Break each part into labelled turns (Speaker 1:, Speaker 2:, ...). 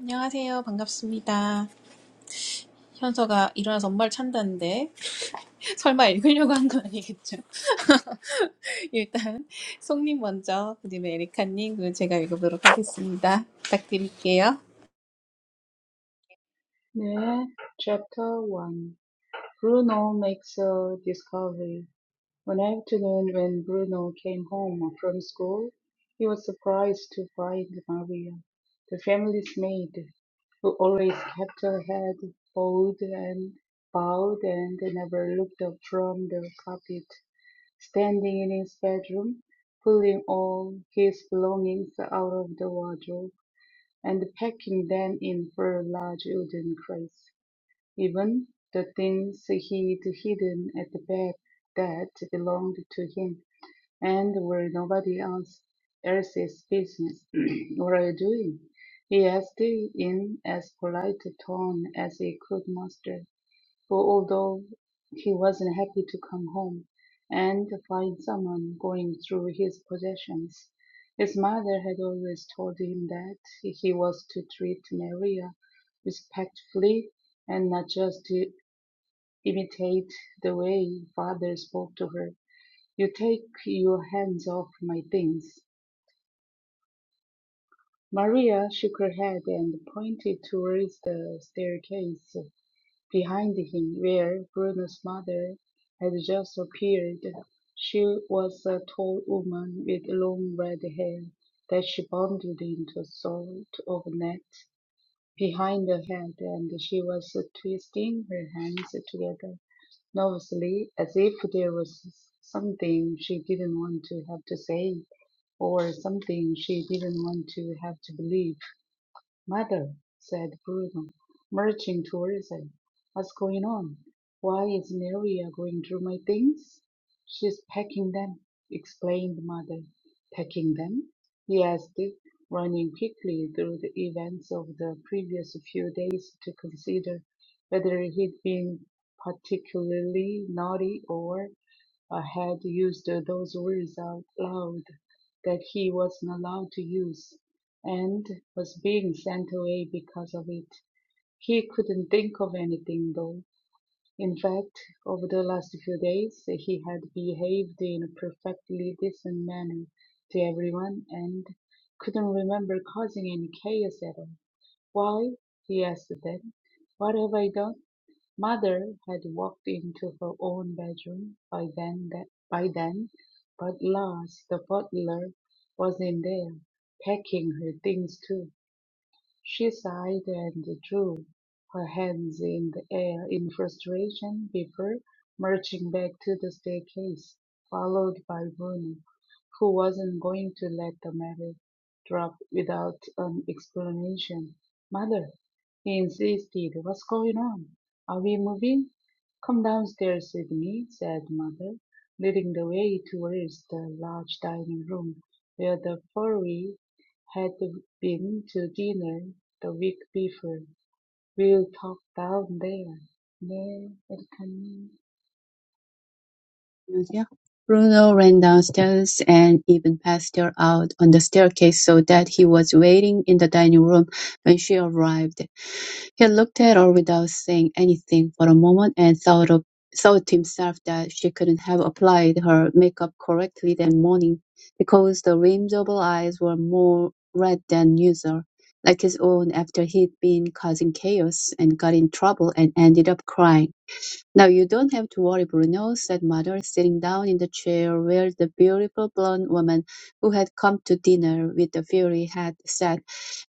Speaker 1: 안녕하세요. 반갑습니다. 현서가 일어나서 엄마를 찬다는데 설마 읽으려고 한 건 아니겠죠? 일단 송님 먼저, 그다음에 에리카님, 그리고 제가 읽어보도록 하겠습니다. 부탁드릴게요.
Speaker 2: 네, chapter 1. Bruno makes a discovery. One afternoon when Bruno came home from school, he was surprised to find Maria, the family's maid, who always kept her head bowed and bowed and never looked up from the carpet, standing in his bedroom, pulling all his belongings out of the wardrobe and packing them in four large wooden crates. Even the things he'd hidden at the back that belonged to him and were nobody else else's business were doing. He asked in as polite a tone as he could muster for although he wasn't happy to come home and find someone going through his possessions, his mother had always told him that he was to treat Maria respectfully and not just to imitate the way father spoke to her. You take your hands off my things. Maria shook her head and pointed towards the staircase. Behind him, where Bruno's mother had just appeared, she was a tall woman with long red hair that she bundled into a sort of net behind her head, and she was twisting her hands together nervously as if there was something she didn't want to have to say or something she didn't want to have to believe. "Mother," said Bruno, marching towards her, "what's going on? Why is Maria going through my things?" "She's packing them," explained Mother. "Packing them?" he asked, running quickly through the events of the previous few days to consider whether he'd been particularly naughty or uh, had used those words out loud that he wasn't allowed to use and was being sent away because of it. He couldn't think of anything though. In fact, over the last few days, he had behaved in a perfectly decent manner to everyone and couldn't remember causing any chaos at all. Why? he asked them. What have I done? Mother had walked into her own bedroom by then, that, by then, but Lars, the butler, was in there, packing her things too. She sighed and threw her hands in the air in frustration before marching back to the staircase, followed by Bruno, who wasn't going to let the matter drop without an explanation. Mother, he insisted, what's going on? Are we moving? Come downstairs with me, said Mother, leading the way towards the large dining room where the furry had been to dinner the week before, we will talk down there. 네, 에리카님.
Speaker 3: Bruno ran downstairs and even passed her out on the staircase so that he was waiting in the dining room when she arrived. He looked at her without saying anything for a moment and thought of thought to himself that she couldn't have applied her makeup correctly that morning because the rims of her eyes were more red than usual, like his own after he'd been causing chaos and got in trouble and ended up crying. No, you don't have to worry, Bruno, said Mother, sitting down in the chair where the beautiful blonde woman who had come to dinner with the Fury had sat,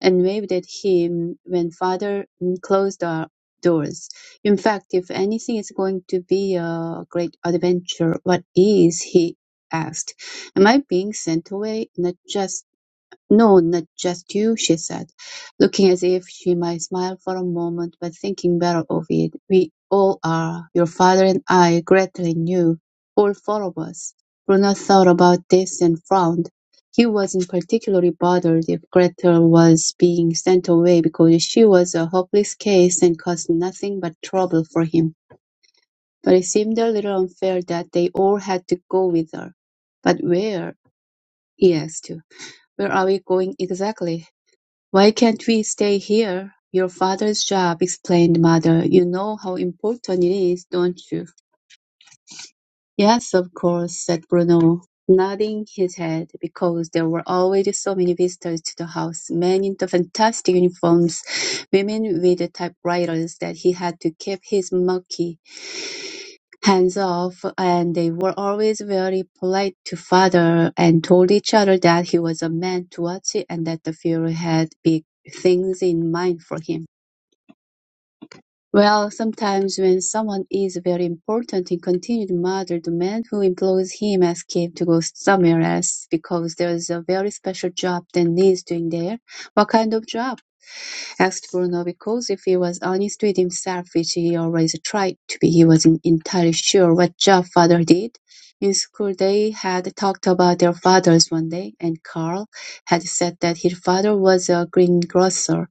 Speaker 3: and waved at him when Father mm, closed the doors. In fact, if anything is going to be a great adventure, what is he? asked. Am I being sent away? Not just no, not just you, she said, looking as if she might smile for a moment, but thinking better of it. We all are. Your father and I greatly knew. All four of us. Bruno thought about this and frowned. He wasn't particularly bothered if Gretel was being sent away because she was a hopeless case and caused nothing but trouble for him. But it seemed a little unfair that they all had to go with her. But where? he asked. Where are we going exactly? "Why can't we stay here? Your father's job," explained Mother. "You know how important it is, don't you?" "Yes, of course," said Bruno, nodding his head, because there were already so many visitors to the house, men in the fantastic uniforms, women with the typewriters that he had to keep his murky hands off, and they were always very polite to Father and told each other that he was a man to watch and that the Fuhrer had big things in mind for him. Well, sometimes when someone is very important he continued mother, the man who employs him escapes to go somewhere else because there's a very special job that needs doing there. What kind of job? asked Bruno because if he was honest with himself, which he always tried to be, he wasn't entirely sure what job father did. In school, they had talked about their fathers one day, and Carl had said that his father was a greengrocer.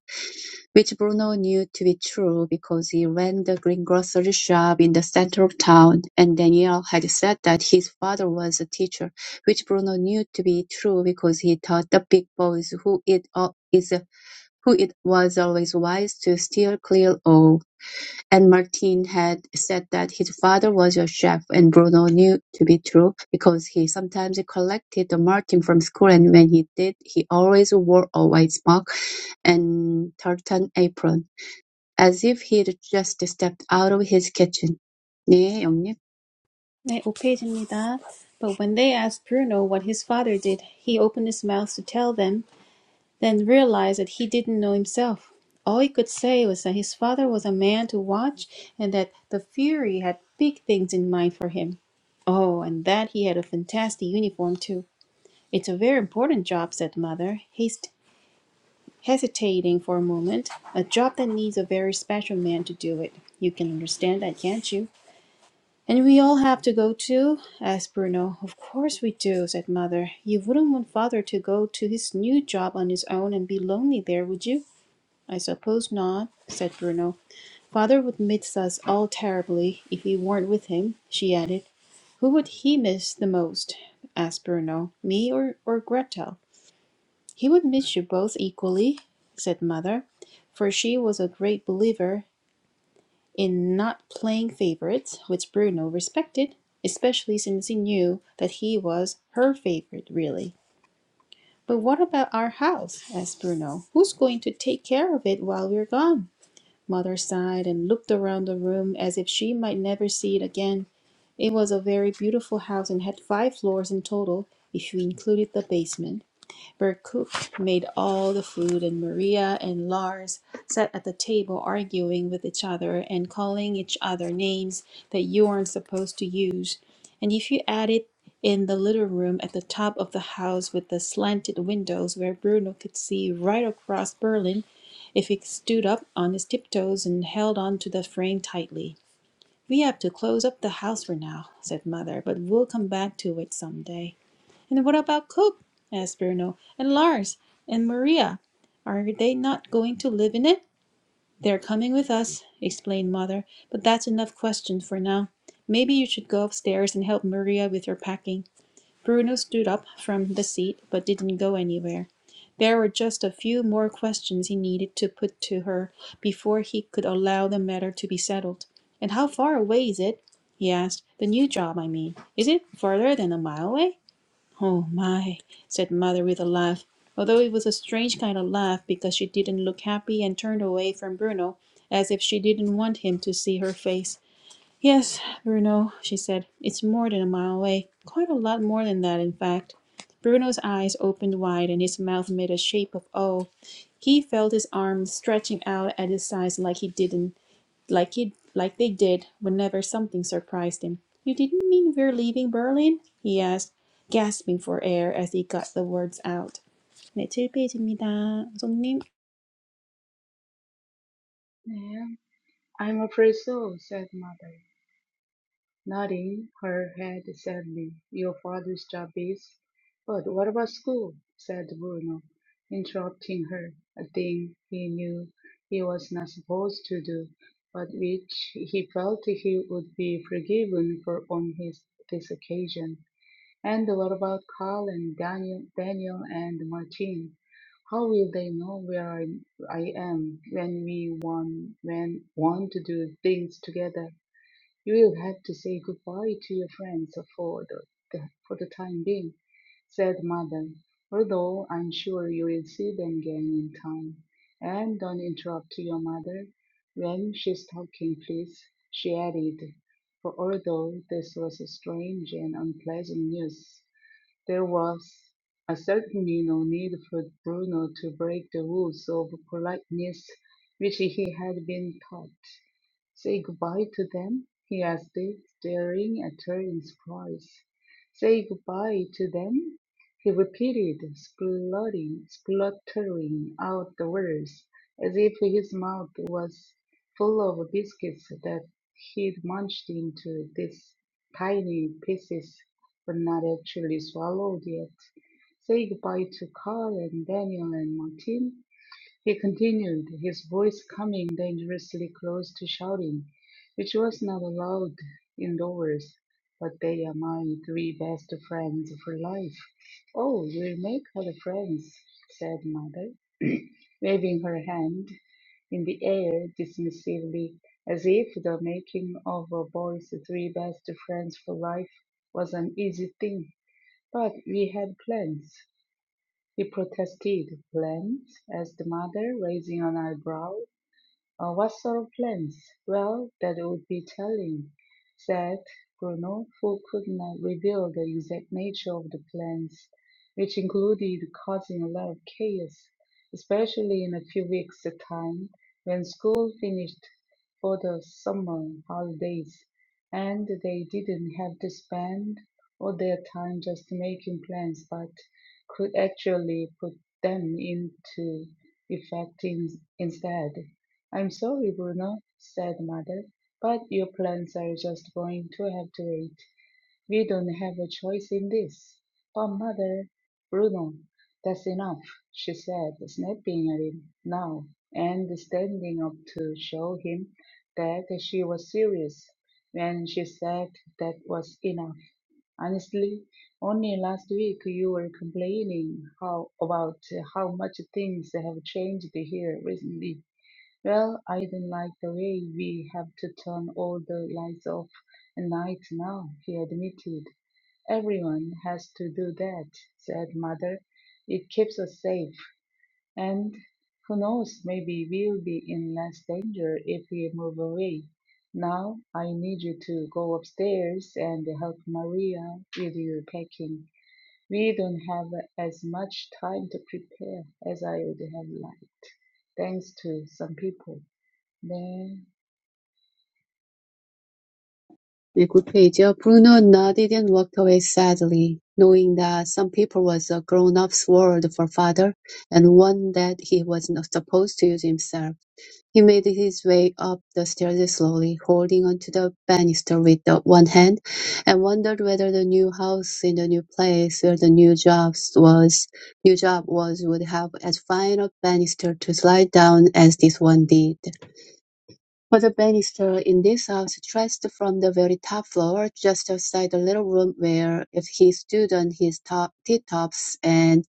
Speaker 3: Which Bruno knew to be true because he ran the green grocery shop in the center of town, and Daniel had said that his father was a teacher, which Bruno knew to be true because he taught the big boys who it al- is a who it was always wise to steer clear of. And Martin had said that his father was a chef, and Bruno knew to be true because he sometimes collected the Martin from school, and when he did, he always wore a white smock and tartan apron as if he'd just stepped out of his kitchen. 네, 영님.
Speaker 1: 네, 오 페이지입니다. But when they asked Bruno what his father did, he opened his mouth to tell them, then realized that he didn't know himself. All he could say was that his father was a man to watch and that the Fury had big things in mind for him. Oh, and that he had a fantastic uniform, too. It's a very important job, said Mother, haste hesitating for a moment. A job that needs a very special man to do it. You can understand that, can't you? And we all have to go too? asked Bruno. Of course we do, said Mother. You wouldn't want Father to go to his new job on his own and be lonely there, would you? I suppose not, said Bruno. Father would miss us all terribly if we weren't with him, she added. Who would he miss the most? asked Bruno. Me or, or Gretel? He would miss you both equally, said Mother, for she was a great believer in not playing favorites, which Bruno respected, especially since he knew that he was her favorite, really. But what about our house? asked Bruno. Who's going to take care of it while we're gone? Mother sighed and looked around the room as if she might never see it again. It was a very beautiful house and had five floors in total, if you included the basement. Berkuk made all the food, and Maria and Lars sat at the table arguing with each other and calling each other names that you aren't supposed to use. And if you add it in the little room at the top of the house with the slanted windows where Bruno could see right across Berlin, if he stood up on his tiptoes and held on to the frame tightly. We have to close up the house for now, said Mother, but we'll come back to it some day. And what about Cook? asked Bruno. And Lars? And Maria? Are they not going to live in it? They're coming with us, explained Mother. But that's enough questions for now. Maybe you should go upstairs and help Maria with her packing. Bruno stood up from the seat, but didn't go anywhere. There were just a few more questions he needed to put to her before he could allow the matter to be settled. And how far away is it? he asked. The new job, I mean. Is it farther than a mile away? Oh my, said Mother with a laugh, although it was a strange kind of laugh because she didn't look happy and turned away from Bruno as if she didn't want him to see her face. Yes, Bruno, she said, it's more than a mile away, quite a lot more than that, in fact. Bruno's eyes opened wide and his mouth made a shape of awe. He felt his arms stretching out at his sides like he didn't like he like they did whenever something surprised him. "You didn't mean we're leaving Berlin?" he asked, gasping for air as he got the words out. 네, 7페이지입니다. 손님.
Speaker 2: 네. I'm afraid so, said mother, nodding her head sadly. Your father's job is. But what about school? said Bruno, interrupting her, a thing he knew he was not supposed to do, but which he felt he would be forgiven for on his this occasion. And what about Carl and Daniel, Daniel and Martin? How will they know where I, I am when we want, when want to do things together? You will have to say goodbye to your friends for the, the for the time being, said Mother. Although I'm sure you will see them again in time. And don't interrupt your mother when she's talking, please. She added, for although this was strange and unpleasant news. There was uh, certainly no need for Bruno to break the rules of politeness which he had been taught. Say goodbye to them? he asked, staring at her in surprise. Say goodbye to them? he repeated, splutting, spluttering out the words, as if his mouth was full of biscuits that he'd munched into these tiny pieces, but not actually swallowed yet. Say goodbye to Carl and Daniel and Martin? He continued, his voice coming dangerously close to shouting, which was not allowed indoors. But they are my three best friends for life. Oh, we'll make other friends, said mother, waving her hand in the air dismissively, as if the making of a boy's three best friends for life was an easy thing. But we had plans. He protested, bland as the mother, raising an eyebrow. Uh, what sort of plans? Well, that would be telling, said Bruno, who could not reveal the exact nature of the plans, which included causing a lot of chaos, especially in a few weeks' time when school finished for the summer holidays and they didn't have to spend all their time just making plans but could actually put them into effect in, instead. "I'm sorry, Bruno," said Mother, "but your plans are just going to have to wait. We don't have a choice in this." "But, Mother "Bruno, that's enough," she said, snapping at him now, and standing up to show him that she was serious when she said that was enough. Honestly, only last week you were complaining how about how much things have changed here recently. Well, I don't like the way we have to turn all the lights off at night now, he admitted. Everyone has to do that, said Mother. It keeps us safe. And who knows, maybe we'll be in less danger if we move away. Now, I need you to go upstairs and help Maria with your packing. We don't have as much time to prepare as I would have liked, thanks to some people. Then,
Speaker 3: 네, good pay죠. Bruno nodded and walked away sadly, knowing that some people was a grown-up's word for father, and one that he was not supposed to use himself. He made his way up the stairs slowly, holding onto the banister with the one hand, and wondered whether the new house in the new place where the new jobs was new job was would have as fine a banister to slide down as this one did. But the banister in this house stretched from the very top floor, just outside the little room where if he stood on his top tip-tops and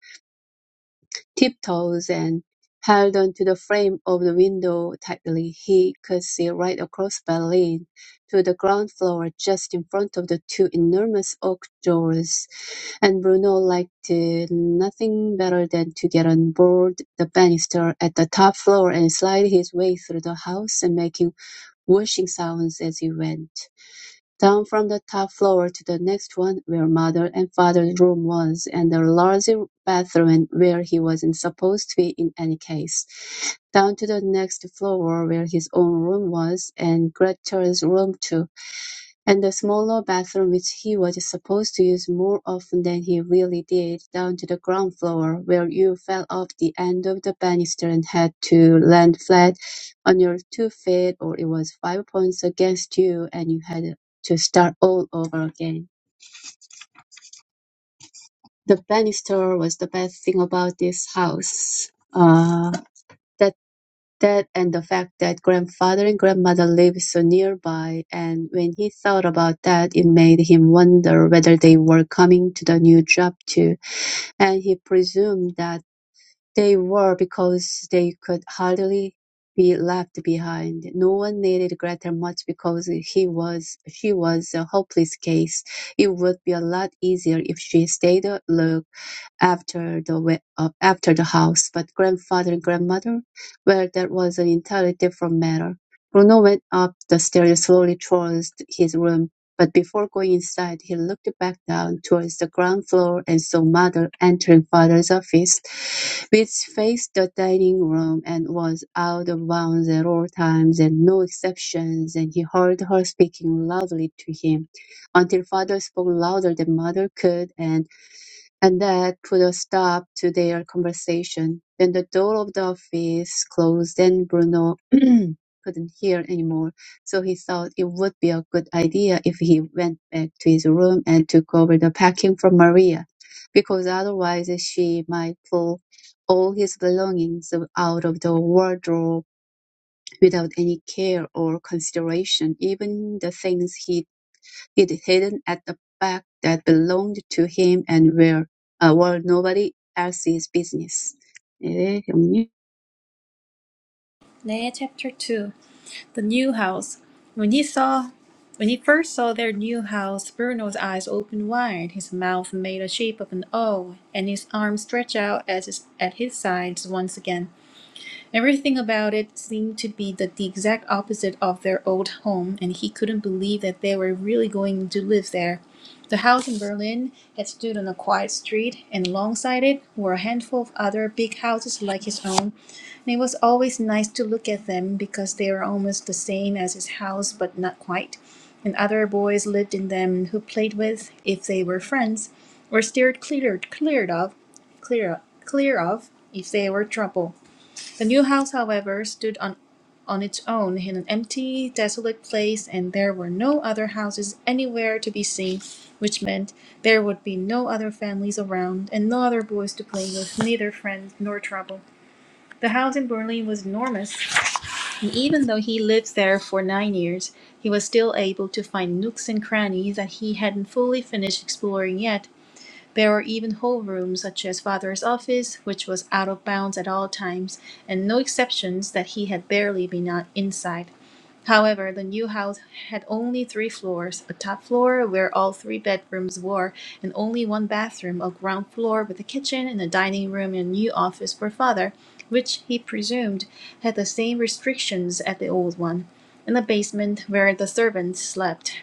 Speaker 3: tiptoes and held onto the frame of the window tightly, he could see right across Berlin to the ground floor just in front of the two enormous oak doors. And Bruno liked uh, nothing better than to get on board the banister at the top floor and slide his way through the house, and making washing sounds as he went. Down from the top floor to the next one, where mother and father's room was, and the large bathroom where he wasn't supposed to be in any case. Down to the next floor where his own room was, and Gretchen's room too and the smaller bathroom which he was supposed to use more often than he really did, down to the ground floor, where you fell off the end of the banister and had to land flat on your two feet, or it was five points against you, and you had to start all over again. The banister was the best thing about this house. Uh, that That and the fact that grandfather and grandmother lived so nearby, and when he thought about that, it made him wonder whether they were coming to the new job too, and he presumed that they were because they could hardly be left behind. No one needed Gretel much because he was she was a hopeless case. It would be a lot easier if she stayed a look after the we- uh, after the house. But grandfather and grandmother, well, that was an entirely different matter. Bruno went up the stairs slowly towards his room. But before going inside, he looked back down towards the ground floor and saw mother entering father's office, which faced the dining room and was out of bounds at all times and no exceptions, and he heard her speaking loudly to him until father spoke louder than mother could, and. And that put a stop to their conversation. Then the door of the office closed and Bruno couldn't hear anymore. So he thought it would be a good idea if he went back to his room and took over the packing from Maria, because otherwise she might pull all his belongings out of the wardrobe without any care or consideration, even the things he it hidden at the back that belonged to him and were, uh, were nobody else's business. 네, 영님.
Speaker 1: 네, chapter 2. The new house. When he saw when he first saw their new house, Bruno's eyes opened wide, his mouth made the shape of an O, and his arms stretched out at his, at his sides once again. Everything about it seemed to be the, the exact opposite of their old home, and he couldn't believe that they were really going to live there. The house in Berlin had stood on a quiet street, and alongside it were a handful of other big houses like his own. And it was always nice to look at them because they were almost the same as his house, but not quite. And other boys lived in them who played with, if they were friends, or steered clear, cleared of, clear, clear of, if they were trouble. The new house, however, stood on, on its own in an empty, desolate place, and there were no other houses anywhere to be seen, which meant there would be no other families around, and no other boys to play with, neither friends nor trouble. The house in Berlin was enormous, and even though he lived there for nine years, he was still able to find nooks and crannies that he hadn't fully finished exploring yet. There were even whole rooms such as Father's office, which was out of bounds at all times, and no exceptions that he had barely been out inside. However, the new house had only three floors a top floor where all three bedrooms were, and only one bathroom, a ground floor with a kitchen and a dining room and a new office for father, which he presumed had the same restrictions as the old one, and a basement where the servants slept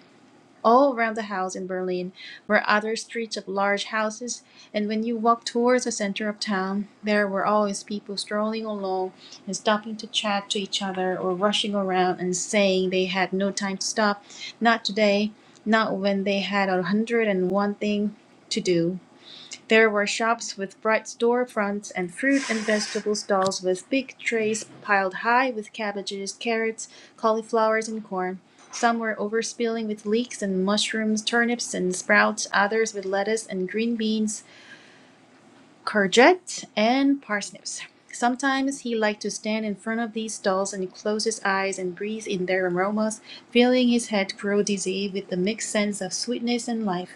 Speaker 1: all around the house in Berlin were other streets of large houses, and when you walked towards the center of town, there were always people strolling along and stopping to chat to each other or rushing around and saying they had no time to stop, not today, not when they had a hundred and one thing to do. There were shops with bright store fronts and fruit and vegetable stalls with big trays piled high with cabbages, carrots, cauliflowers, and corn. Some were overspilling with leeks and mushrooms, turnips and sprouts, others with lettuce and green beans, courgette, and parsnips. Sometimes he liked to stand in front of these stalls and close his eyes and breathe in their aromas, feeling his head grow dizzy with the mixed sense of sweetness and life.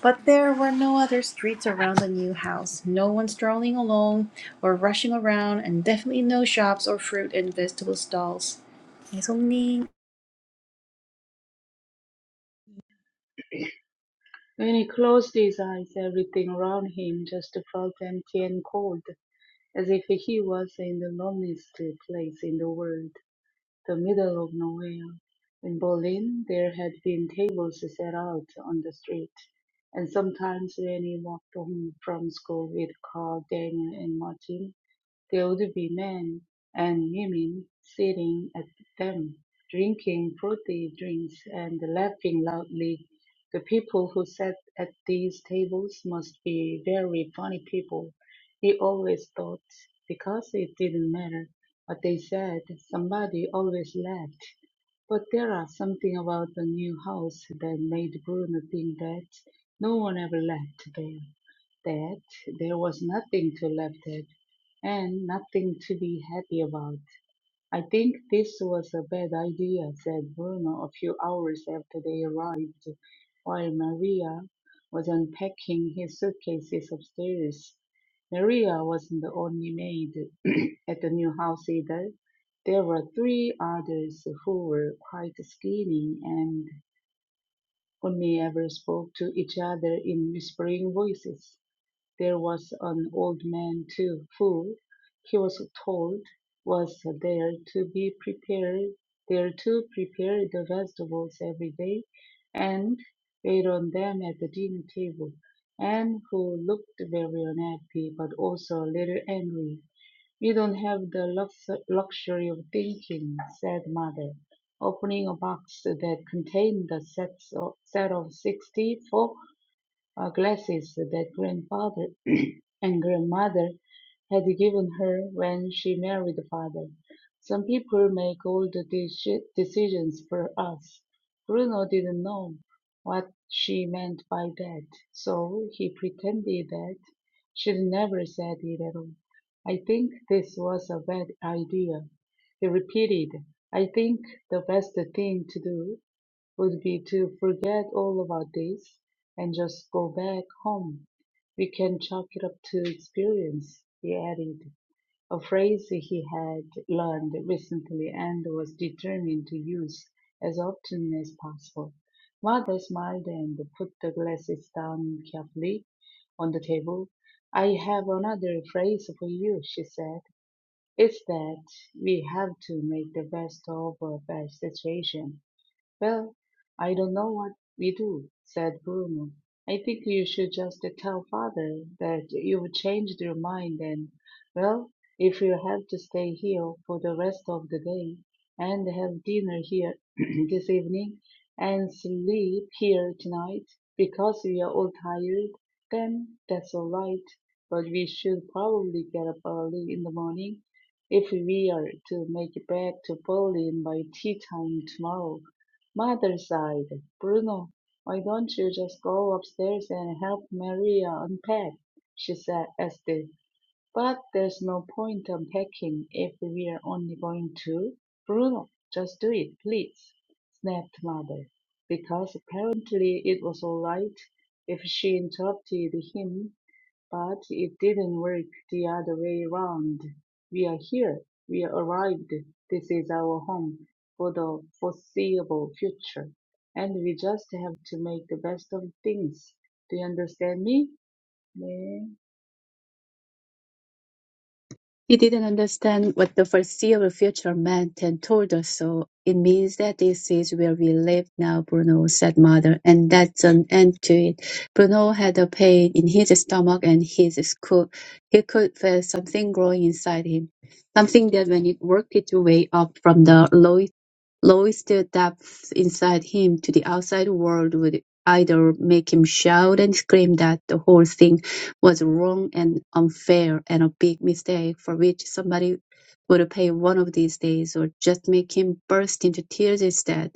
Speaker 1: But there were no other streets around the new house, no one strolling along or rushing around, and definitely no shops or fruit and vegetable stalls. 네, 손님.
Speaker 2: when he closed his eyes, everything round him just felt empty and cold, as if he was in the loneliest place in the world, the middle of nowhere. In Berlin, there had been tables set out on the street, and sometimes when he walked home from school with Carl, Daniel, and Martin, The old women and women sitting at them, drinking fruity drinks and laughing loudly. The people who sat at these tables must be very funny people, he always thought, because it didn't matter what they said, somebody always laughed. But there are something about the new house that made Bruno think that no one ever laughed there that there was nothing to laugh at and nothing to be happy about. I think this was a bad idea, said Bruno a few hours after they arrived, while Maria was unpacking his suitcases upstairs. Maria wasn't the only maid at the new house either. There were three others who were quite skinny and only ever spoke to each other in whispering voices. There was an old man too, who, he was told, was there to be prepared there to prepare the vegetables every day, and wait on them at the dinner table, and who looked very unhappy, but also a little angry. We don't have the lux- luxury of thinking, said mother, opening a box that contained a set of, set of sixty-four uh, glasses that grandfather and grandmother had given her when she married father. Some people make all the deci- decisions for us. Bruno didn't know what she meant by that, so he pretended that she never said it at all. I think this was a bad idea. He repeated, I think the best thing to do would be to forget all about this and just go back home. We can chalk it up to experience, he added, a phrase he had learned recently and was determined to use as often as possible. Mother smiled and put the glasses down carefully on the table. I have another phrase for you, she said. It's that we have to make the best of a bad situation well, I don't know what we do, said Bruno. I think you should just tell father that you've changed your mind and, well, if you have to stay here for the rest of the day and have dinner here this evening and sleep here tonight because we are all tired, then that's all right. But we should probably get up early in the morning if we are to make it back to Berlin by tea time tomorrow Mother sighed. "Bruno, why don't you just go upstairs and help Maria unpack?" she said acidly. "But there's no point unpacking if we're only going to "Bruno, just do it, please," snapped Mother, because apparently it was all right if she interrupted him. But it didn't work the other way round. We are here. We arrived. This is our home for the foreseeable future. And we just have to make the best of things. Do you understand me? Yeah.
Speaker 3: He didn't understand what the foreseeable future meant and told us so. It means that this is where we live now, Bruno, said mother, and that's an end to it. Bruno had a pain in his stomach and his school. He could feel something growing inside him. Something that when it worked its way up from the low Roy still depths inside him to the outside world would either make him shout and scream that the whole thing was wrong and unfair and a big mistake for which somebody would pay one of these days, or just make him burst into tears instead.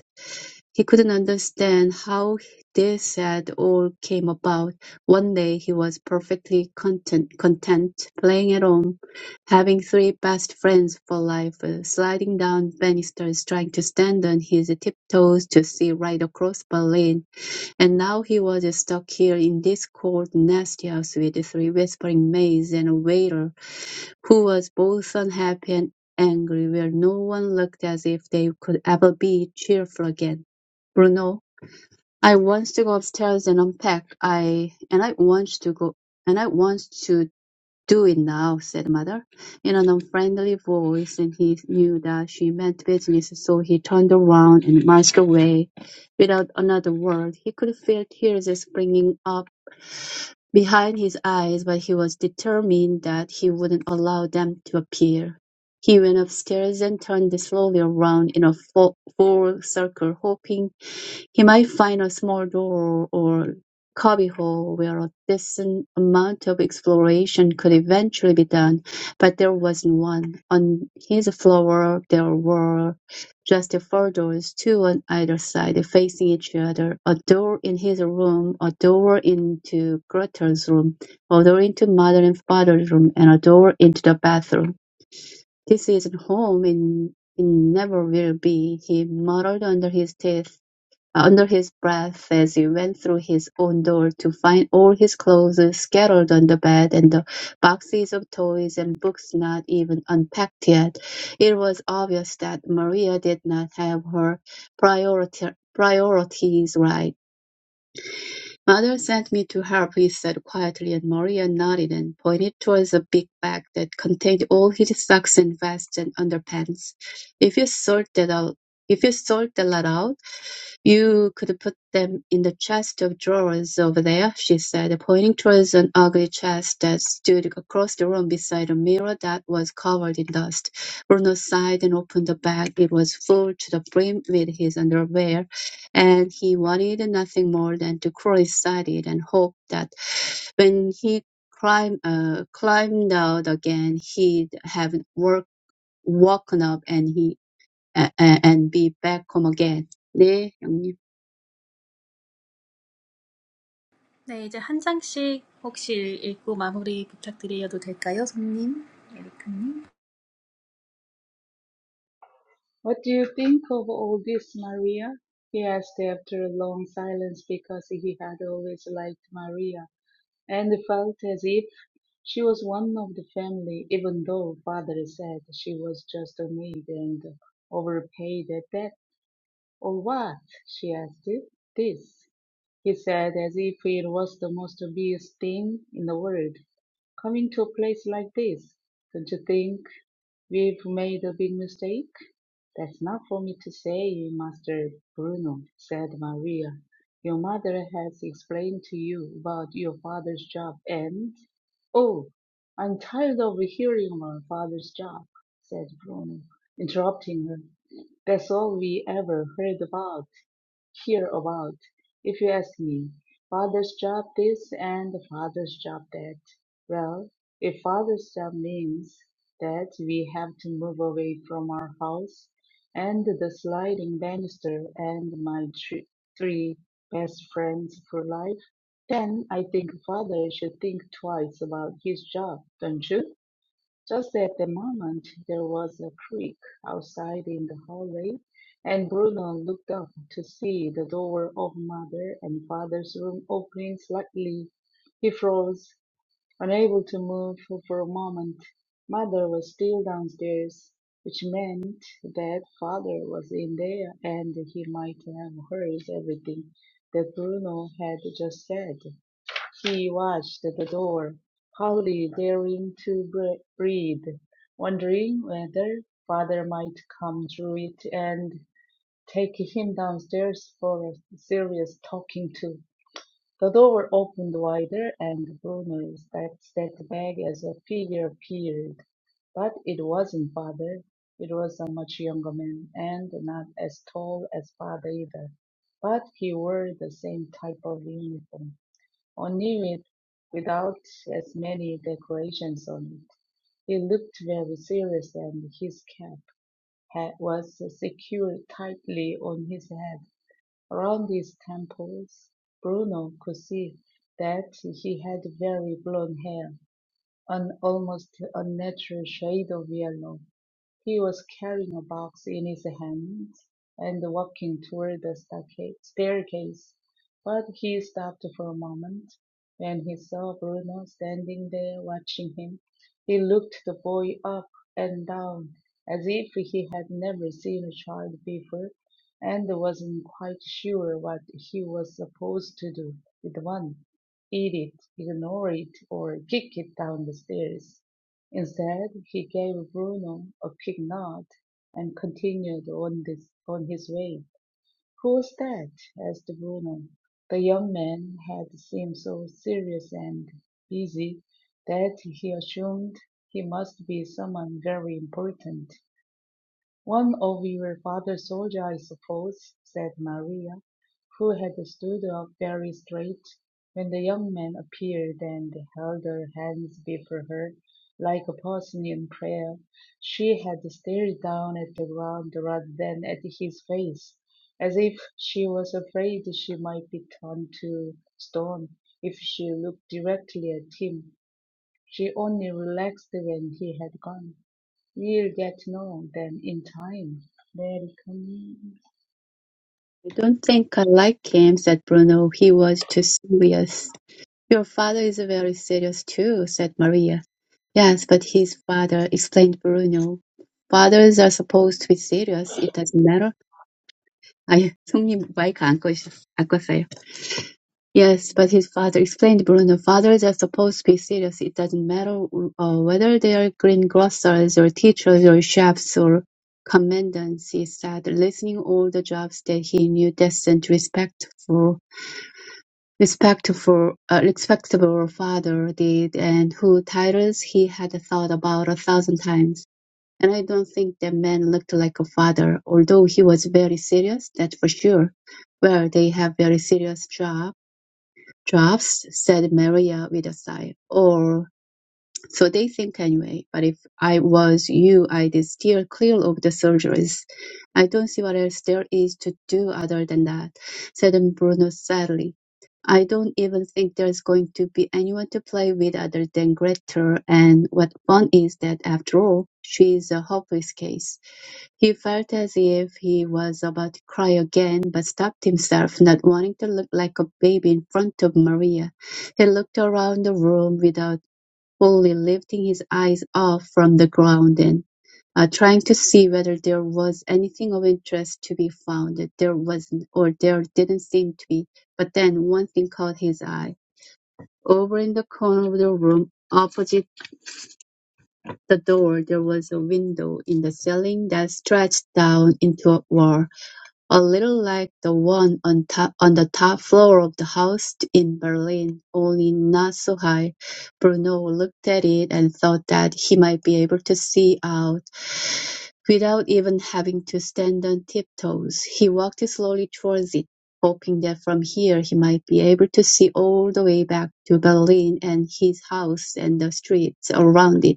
Speaker 3: He couldn't understand how this had all came about. One day he was perfectly content, content playing at home, having three best friends for life, uh, sliding down banisters, trying to stand on his tiptoes to see right across Berlin and now he was stuck here in this cold, nasty house with three whispering maids and a waiter who was both unhappy and angry, where no one looked as if they could ever be cheerful again. Bruno, I want to go upstairs and unpack. I and I want to go and I want to "Do it now," said Mother, in an unfriendly voice, and he knew that she meant business, so he turned around and marched away without another word. He could feel tears springing up behind his eyes, but he was determined that he wouldn't allow them to appear. He went upstairs and turned slowly around in a full full circle, hoping he might find a small door or cubbyhole where a decent amount of exploration could eventually be done, but there wasn't one. On his floor there were just four doors, two on either side, facing each other. A door in his room, a door into Gretel's room, a door into mother and father's room, and a door into the bathroom. This isn't home and it never will be, he muttered under his teeth under his breath as he went through his own door to find all his clothes scattered on the bed and the boxes of toys and books not even unpacked yet. It was obvious that Maria did not have her priority, priorities right. "Mother sent me to help," he said quietly, and Maria nodded and pointed towards a big bag that contained all his socks and vests and underpants. "If you sort that out, if you sort that lot out, you could put them in the chest of drawers over there," she said, pointing towards an ugly chest that stood across the room beside a mirror that was covered in dust. Bruno sighed and opened the bag. It was full to the brim with his underwear and he wanted nothing more than to cross-side it and hope that when he climb, uh, climbed out again, he'd have work, woken up and he uh, and be back home again. 네, 형님.
Speaker 1: 네, 이제 한 장씩 혹시 읽고 마무리 부탁드려도 될까요, 손님? 에리카님?
Speaker 2: What do you think of all this, Maria? He asked after a long silence because he had always liked Maria and felt as if She was one of the family, even though father said she was just a maid and overpaid at that, or what? she asked. This he said as if it was the most obvious thing in the world. Coming to a place like this, don't you think we've made a big mistake? That's not for me to say, Master Bruno, said Maria. Your mother has explained to you about your father's job and... Oh, I'm tired of hearing about father's job, said Bruno, interrupting her. That's all we ever heard about here about, if you ask me. Father's job this and the father's job that. Well, if father's job means that we have to move away from our house and the sliding banister and my thr- three best friends for life, then I think father should think twice about his job, don't you? Just at the moment, there was a creak outside in the hallway, and Bruno looked up to see the door of mother and father's room opening slightly. He froze, unable to move for a moment. Mother was still downstairs, which meant that father was in there and he might have heard everything that Bruno had just said. He watched the door, hardly daring to bre- breathe, wondering whether father might come through it and take him downstairs for a serious talking to. The door opened wider and Bruno stepped, stepped back as a figure appeared. But it wasn't father. It was a much younger man and not as tall as father either. But he wore the same type of uniform or near it without as many decorations on it. He looked very serious, and his cap had, was secured tightly on his head. Around his temples, Bruno could see that he had very blonde hair, an almost unnatural shade of yellow. He was carrying a box in his hand and walking toward the stacca- staircase, but he stopped for a moment when he saw Bruno standing there watching him. He looked the boy up and down as if he had never seen a child before and wasn't quite sure what he was supposed to do with one. Eat it, ignore it, or kick it down the stairs. Instead, he gave Bruno a quick nod and continued on this on his way. "Who's that?" asked Bruno. The young man had seemed so serious and busy that he assumed he must be someone very important. "One of your father's soldiers, I suppose," said Maria, who had stood up very straight when the young man appeared and held her hands before her like a person in prayer. She had stared down at the ground rather than at his face, as if she was afraid she might be turned to stone if she looked directly at him. She only relaxed when he had gone. You'll get to know them in time. Welcome.
Speaker 3: I don't think I like him, said Bruno. He was too serious. Your father is very serious too, said Maria. Yes, but his father, explained Bruno. Fathers are supposed to be serious. It doesn't matter I 손님 마이크 안 꺼- 안 껐어요. Yes, but his father explained Bruno. Fathers are supposed to be serious. It doesn't matter uh, whether they are greengrocers or teachers or chefs or commandants, he said, listening all the jobs that he knew decent, respectful, respectful, uh, respectable father did and who titles he had thought about a thousand times. And I don't think that man looked like a father, although he was very serious, that's for sure. Well, they have very serious job jobs, said Maria with a sigh. Or so they think anyway. But if I was you, I'd steer clear of the surgeries. I don't see what else there is to do other than that, said Bruno sadly. I don't even think there's going to be anyone to play with other than Gretel, and what fun is that after all? She's a hopeless case. He felt as if he was about to cry again, but stopped himself, not wanting to look like a baby in front of Maria. He looked around the room without fully lifting his eyes off from the ground and uh, trying to see whether there was anything of interest to be found. There wasn't, or there didn't seem to be. But then one thing caught his eye. Over in the corner of the room, opposite the door, there was a window in the ceiling that stretched down into a wall. A little like the one on top on the top floor of the house in Berlin, only not so high. Bruno looked at it and thought that he might be able to see out without even having to stand on tiptoes. He walked slowly towards it, hoping that from here he might be able to see all the way back to Berlin and his house and the streets around it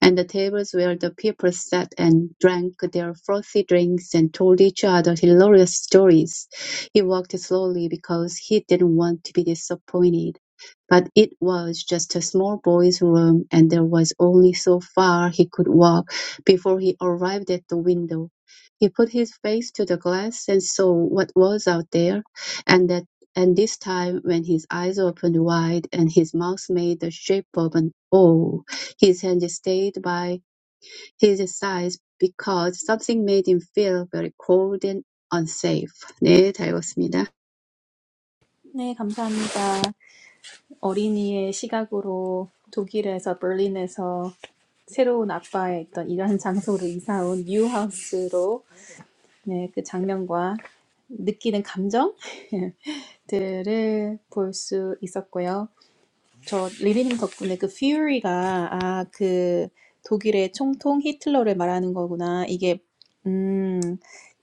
Speaker 3: and the tables where the people sat and drank their frothy drinks and told each other hilarious stories. He walked slowly because he didn't want to be disappointed. But it was just a small boy's room, and there was only so far he could walk before he arrived at the window. He put his face to the glass and saw what was out there, and that and this time when his eyes opened wide and his mouth made the shape of an O, his hand stayed by his side because something made him feel very cold and unsafe. 네, 잘 읽었습니다.
Speaker 1: 네, 감사합니다. 어린이의 시각으로 독일에서 berlin에서 새로운 아빠의 있던 이런 장소로 이사 온 뉴하우스로 네, 그 장면과 느끼는 감정 들을 볼 수 있었고요. 저 리리님 덕분에 그 퓨리가 아, 그 독일의 총통 히틀러를 말하는 거구나. 이게 음,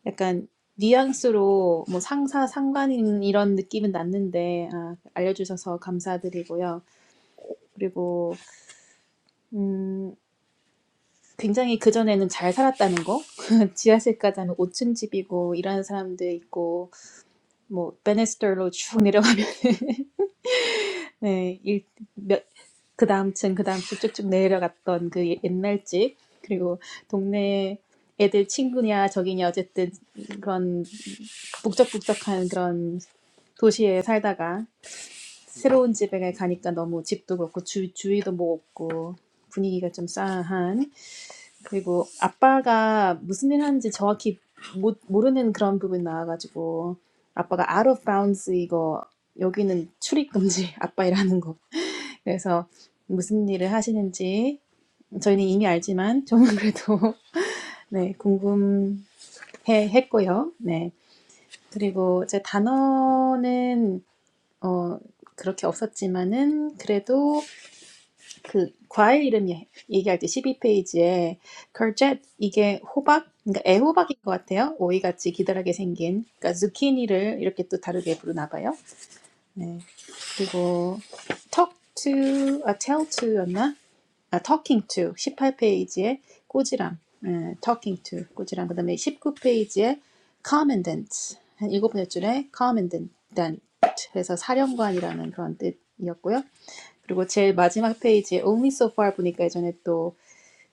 Speaker 1: 약간 뉘앙스로 뭐 상사 상관인 이런 느낌은 났는데 아, 알려주셔서 감사드리고요. 그리고 음, 굉장히 그전에는 잘 살았다는 거. 지하실까지 하면 5층 집이고 일하는 사람들 있고 뭐 베네스터로 쭉 내려가면 네, 일, 몇, 그 다음 층, 그 다음 층 쭉쭉 내려갔던 그 옛날 집, 그리고 동네 애들 친구냐, 적이냐, 어쨌든 그런 북적북적한 그런 도시에 살다가 새로운 집에 가니까 너무 집도 그렇고 주, 주위도 뭐 없고 분위기가 좀 싸한. 그리고 아빠가 무슨 일 하는지 정확히 못, 모르는 그런 부분 나와가지고 아빠가 out of bounds 이거 여기는 출입금지 아빠 일하는 거 그래서 무슨 일을 하시는지 저희는 이미 알지만 저는 그래도 네, 궁금해 했고요. 네. 그리고 제 단어는 어 그렇게 없었지만은 그래도 그 과일 이름 얘- 얘기할 때 십이 페이지에 courgette 이게 호박 그러니까 애호박인 것 같아요. 오이같이 기다랗게 생긴 그러니까 zucchini를 이렇게 또 다르게 부르나 봐요. 네. 그리고 talk to, 아, tell to였나? 아, talking to 18페이지에 꼬지람, 예, talking to 꼬지람. 그다음에 19페이지에 commandant 한 일곱 번째 줄에 commandant 그래서 사령관이라는 그런 뜻이었고요. 그리고 제일 마지막 페이지에 only so far 보니까 예전에 또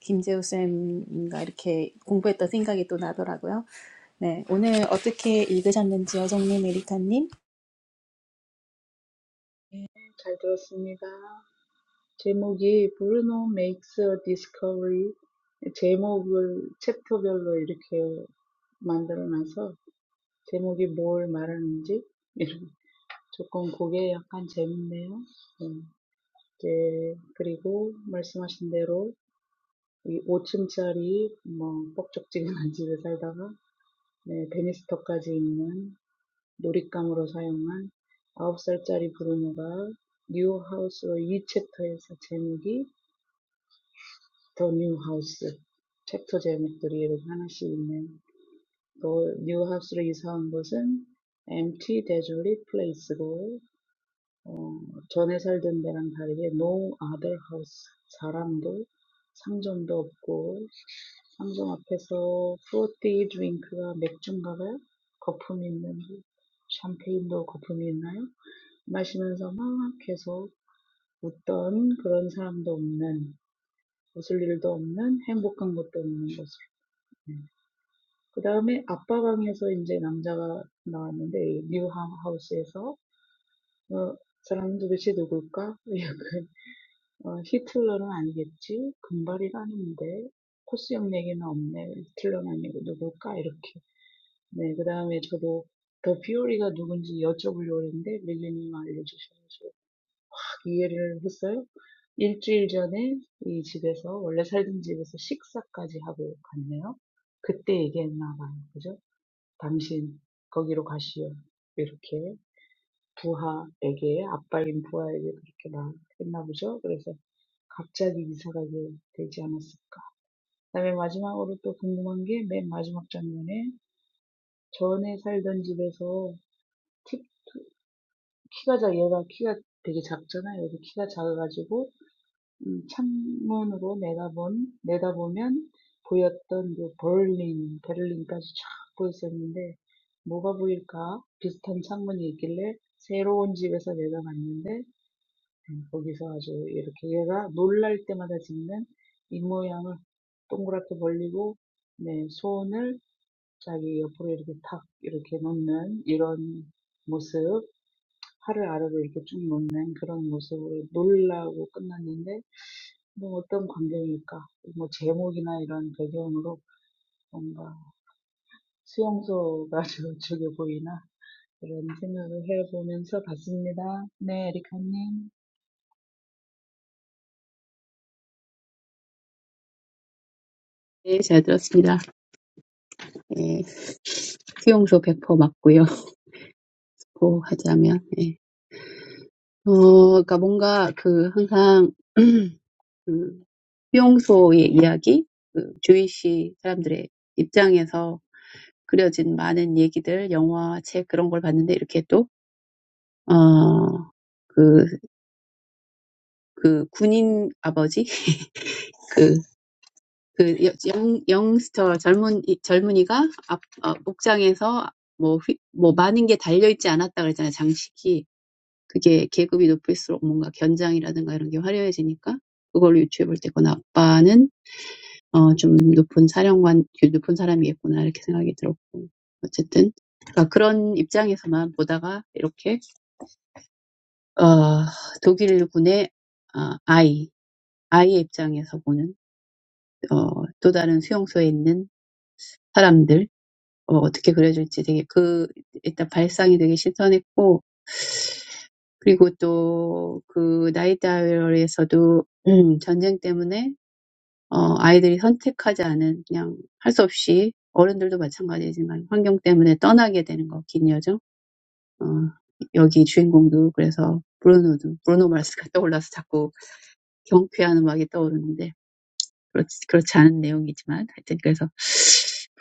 Speaker 1: 김재우 쌤인가 이렇게 공부했던 생각이 또 나더라고요. 네, 오늘 어떻게 읽으셨는지 송님, 에리카님?
Speaker 2: 잘 들었습니다. 제목이 Bruno makes a discovery. 제목을 챕터별로 이렇게 만들어놔서 제목이 뭘 말하는지 이런 조금 그게 약간 재밌네요. 네. 이제 그리고 말씀하신 대로 이 5층짜리 뭐 뻑적지근한 집에 살다가 네, 베니스터까지 있는 놀잇감으로 사용한 아홉 살짜리 브루노가 뉴하우스와 이 챕터에서 제목이 더 뉴하우스 챕터 제목들이 이렇게 하나씩 있네요. 또 뉴하우스로 이사한 곳은 empty desolate place고 어, 전에 살던 데랑 다르게 no other house 사람도 상점도 없고 상점 앞에서 프로티 drink가 맥주인가봐요 거품이 있는데 샴페인도 거품이 있나요? 마시면서 막 계속 어떤 그런 사람도 없는, 웃을 일도 없는, 행복한 것도 없는 모습. 네. 그 다음에 아빠 방에서 이제 남자가 나왔는데, 뉴 하- 하우스에서, 어, 사람은 도대체 누굴까? 약간, 어, 히틀러는 아니겠지? 금발이라 하는데, 코스 형 얘기는 없네. 히틀러는 아니고 누굴까? 이렇게. 네, 그 다음에 저도 더 피오리가 누군지 여쭤보려고 했는데, 밀리님 알려주셔서. 이해를 했어요. 일주일 전에 이 집에서 원래 살던 집에서 식사까지 하고 갔네요. 그때 얘기했나 봐요. 그죠? 당신 거기로 가시오. 이렇게 부하에게 아빠인 부하에게 그렇게 말했나 보죠. 그래서 갑자기 이사가게 되지 않았을까. 그 다음에 마지막으로 또 궁금한 게맨 마지막 장면에 전에 살던 집에서 키, 키가 작 얘가 키가 되게 작잖아요. 여기 키가 작아가지고 음, 창문으로 내다본, 내다보면 보였던 그 베를린, 베를린까지 쫙 보였었는데, 뭐가 보일까? 비슷한 창문이 있길래, 새로운 집에서 내다봤는데, 음, 거기서 아주 이렇게 얘가 놀랄 때마다 짓는 입모양을 동그랗게 벌리고, 네, 손을 자기 옆으로 이렇게 탁, 이렇게 놓는 이런 모습. 하루 아래로 이렇게 쭉 놓는 그런 모습으로 놀라고 끝났는데 뭐 어떤 광경일까? 뭐 제목이나 이런 배경으로 뭔가 수용소가 저쪽에 보이나? 이런 생각을 해보면서 봤습니다. 네, 에리카님.
Speaker 3: 네, 잘 들었습니다. 예. 수용소 100% 맞고요. 고 하자면, 예. 어, 그러니까 뭔가 그 항상 그 수용소의 이야기, 그 주위시 사람들의 입장에서 그려진 많은 얘기들, 영화, 책 그런 걸 봤는데 이렇게 또, 어, 그, 그 군인 아버지? 그 그 영, 영스터 젊은, 이- 젊은이가 앞, 어, 목장에서 뭐, 휘, 뭐 많은 게 달려있지 않았다 그랬잖아요, 장식이. 그게 계급이 높을수록 뭔가 견장이라든가 이런 게 화려해지니까 그걸로 유추해 볼때 그건 아빠는 어, 좀 높은 사령관, 높은 사람이겠구나 이렇게 생각이 들었고 어쨌든 그러니까 그런 입장에서만 보다가 이렇게 어, 독일군의 어, 아이, 아이의 입장에서 보는 어, 또 다른 수용소에 있는 사람들 어, 어떻게 그려줄지 되게 그 일단 발상이 되게 신선했고 그리고 또그 나이다이얼에서도 음, 전쟁 때문에 어, 아이들이 선택하지 않은 그냥 할수 없이 어른들도 마찬가지지만 환경 때문에 떠나게 되는 거, 긴 여정. 어, 여기 주인공도 그래서 브루노도 브루노 마스가 떠올라서 자꾸 경쾌한 음악이 떠오르는데 그렇지, 그렇지 않은 내용이지만 하여튼 그래서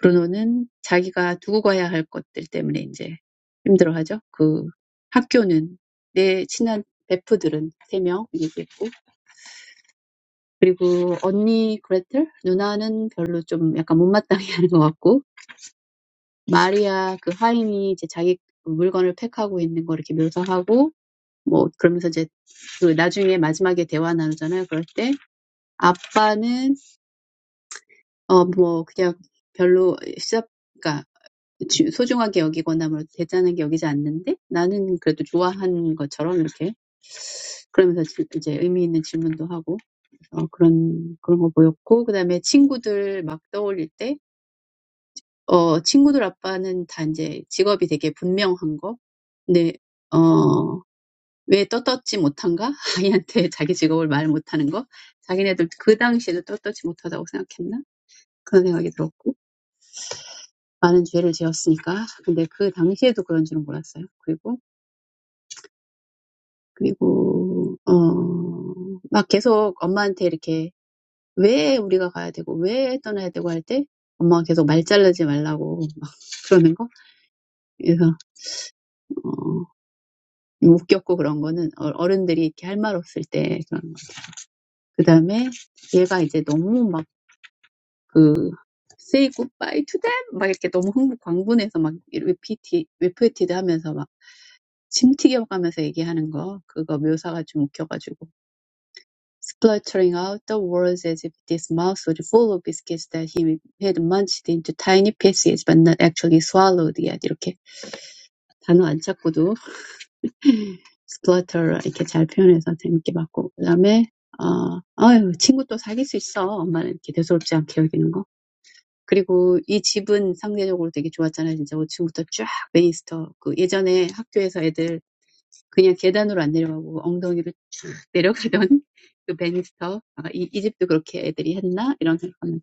Speaker 3: 브루노는 자기가 두고 가야 할 것들 때문에 이제 힘들어하죠. 그 학교는 내 친한 베프들은 세 명 얘기했고 그리고 언니 그레텔 누나는 별로 좀 약간 못마땅해하는 것 같고 마리아 그 하임이 이제 자기 물건을 팩하고 있는 거 이렇게 묘사하고 뭐 그러면서 이제 그 나중에 마지막에 대화 나누잖아요. 그럴 때 아빠는 어뭐 그냥 별로 시작 So, I think that's the most important thing. 그리고 어, 막 계속 엄마한테 이렇게 왜 우리가 가야 되고 왜 떠나야 되고 할 때 엄마가 계속 말 자르지 말라고 그러는 거. 그래서 어, 웃겼고 그런 거는 어- 어른들이 이렇게 할 말 없을 때 그런 거. 그다음에 얘가 이제 너무 막그 say goodbye to them 막 이렇게 너무 흥분 광분해서 막 repeat repeated 하면서 막 침튀겨가면서 얘기하는 거 그거 묘사가 좀 웃겨가지고 spluttering out the words as if this mouth was full of biscuits that he had munched into tiny pieces but not actually swallowed yet. 이렇게 단어 안 찾고도 splutter 이렇게 잘 표현해서 재밌게 봤고 그다음에 어, 아유 친구 또 사귈 수 있어. 엄마는 이렇게 대수롭지 않게 여기는 거. 그리고 이 집은 상대적으로 되게 좋았잖아요. 진짜 5층부터 쫙 베니스터. 그 예전에 학교에서 애들 그냥 계단으로 안 내려가고 엉덩이로 쭉 내려가던 그 베니스터. 아, 이, 이 집도 그렇게 애들이 했나? 이런 생각하면서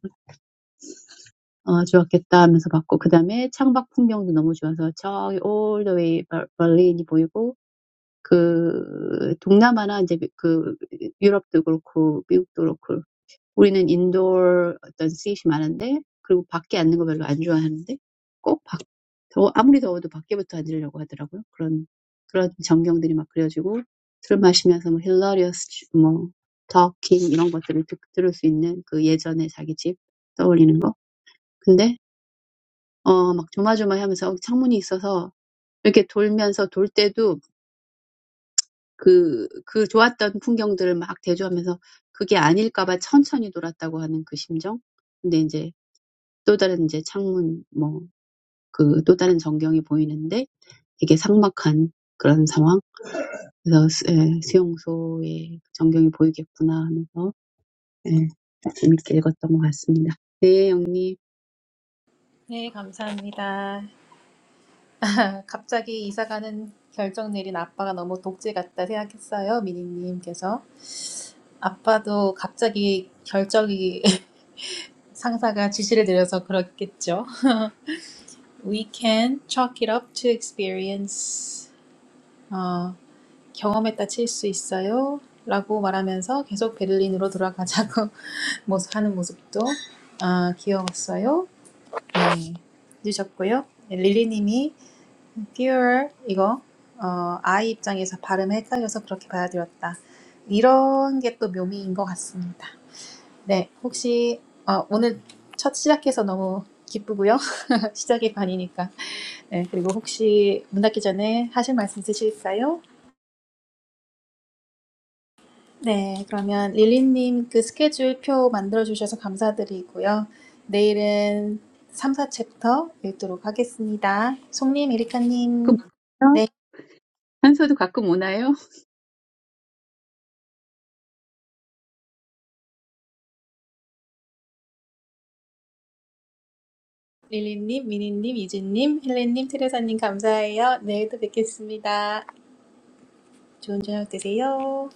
Speaker 3: 어, 좋았겠다 하면서 봤고 그 다음에 창밖 풍경도 너무 좋아서 저기 all the way 벌린이 보이고 그 동남아나 이제 그 유럽도 그렇고 미국도 그렇고 우리는 인도어 어떤 스윗이 많은데, 그리고 밖에 앉는 거 별로 안 좋아하는데, 꼭 밖, 더, 아무리 더워도 밖에부터 앉으려고 하더라고요. 그런, 그런 전경들이 막 그려지고, 술 마시면서 뭐, hilarious, 뭐, talking, 이런 것들을 듣, 들을 수 있는 그 예전에 자기 집 떠올리는 거. 근데, 어, 막 조마조마 하면서 어, 창문이 있어서 이렇게 돌면서 돌 때도 그, 그 좋았던 풍경들을 막 대조하면서 그게 아닐까봐 천천히 돌았다고 하는 그 심정? 근데 이제 또 다른 이제 창문 뭐 그 또 다른 전경이 보이는데 되게 삭막한 그런 상황. 그래서 수, 예, 수용소의 전경이 보이겠구나 하면서 예, 재밌게 읽었던 것 같습니다. 네, 영님.
Speaker 1: 네, 감사합니다. 갑자기 이사 결정 내린 아빠가 너무 독재 같다 생각했어요, 미니님께서. 아빠도 갑자기 결정이 상사가 지시를 내려서 그렇겠죠. We can chalk it up to experience. 어, 경험에다 칠 수 있어요. 라고 말하면서 계속 베를린으로 돌아가자고 모습 하는 모습도 아, 귀여웠어요. 네, 늦었고요. 릴리님이 듀얼 이거 어, 아이 입장에서 발음이 헷갈려서 그렇게 받아들였다. 이런 게 또 묘미인 것 같습니다. 네, 혹시 어, 오늘 첫 시작해서 너무 기쁘고요. 시작이 반이니까. 네, 그리고 혹시 문 닫기 전에 하실 말씀 있으실까요? 네, 그러면 릴리님 그 스케줄표 만들어주셔서 감사드리고요. 내일은 3, 챕터 읽도록 하겠습니다. 송님,
Speaker 3: 가끔
Speaker 1: 에리카님.
Speaker 3: 오나요?
Speaker 1: 네.
Speaker 3: 한서도 가끔 오나요?
Speaker 1: 릴리님, 미니님, 유진님, 헬렌님, 테레사님 감사해요. 내일 또 뵙겠습니다. 좋은 저녁 되세요.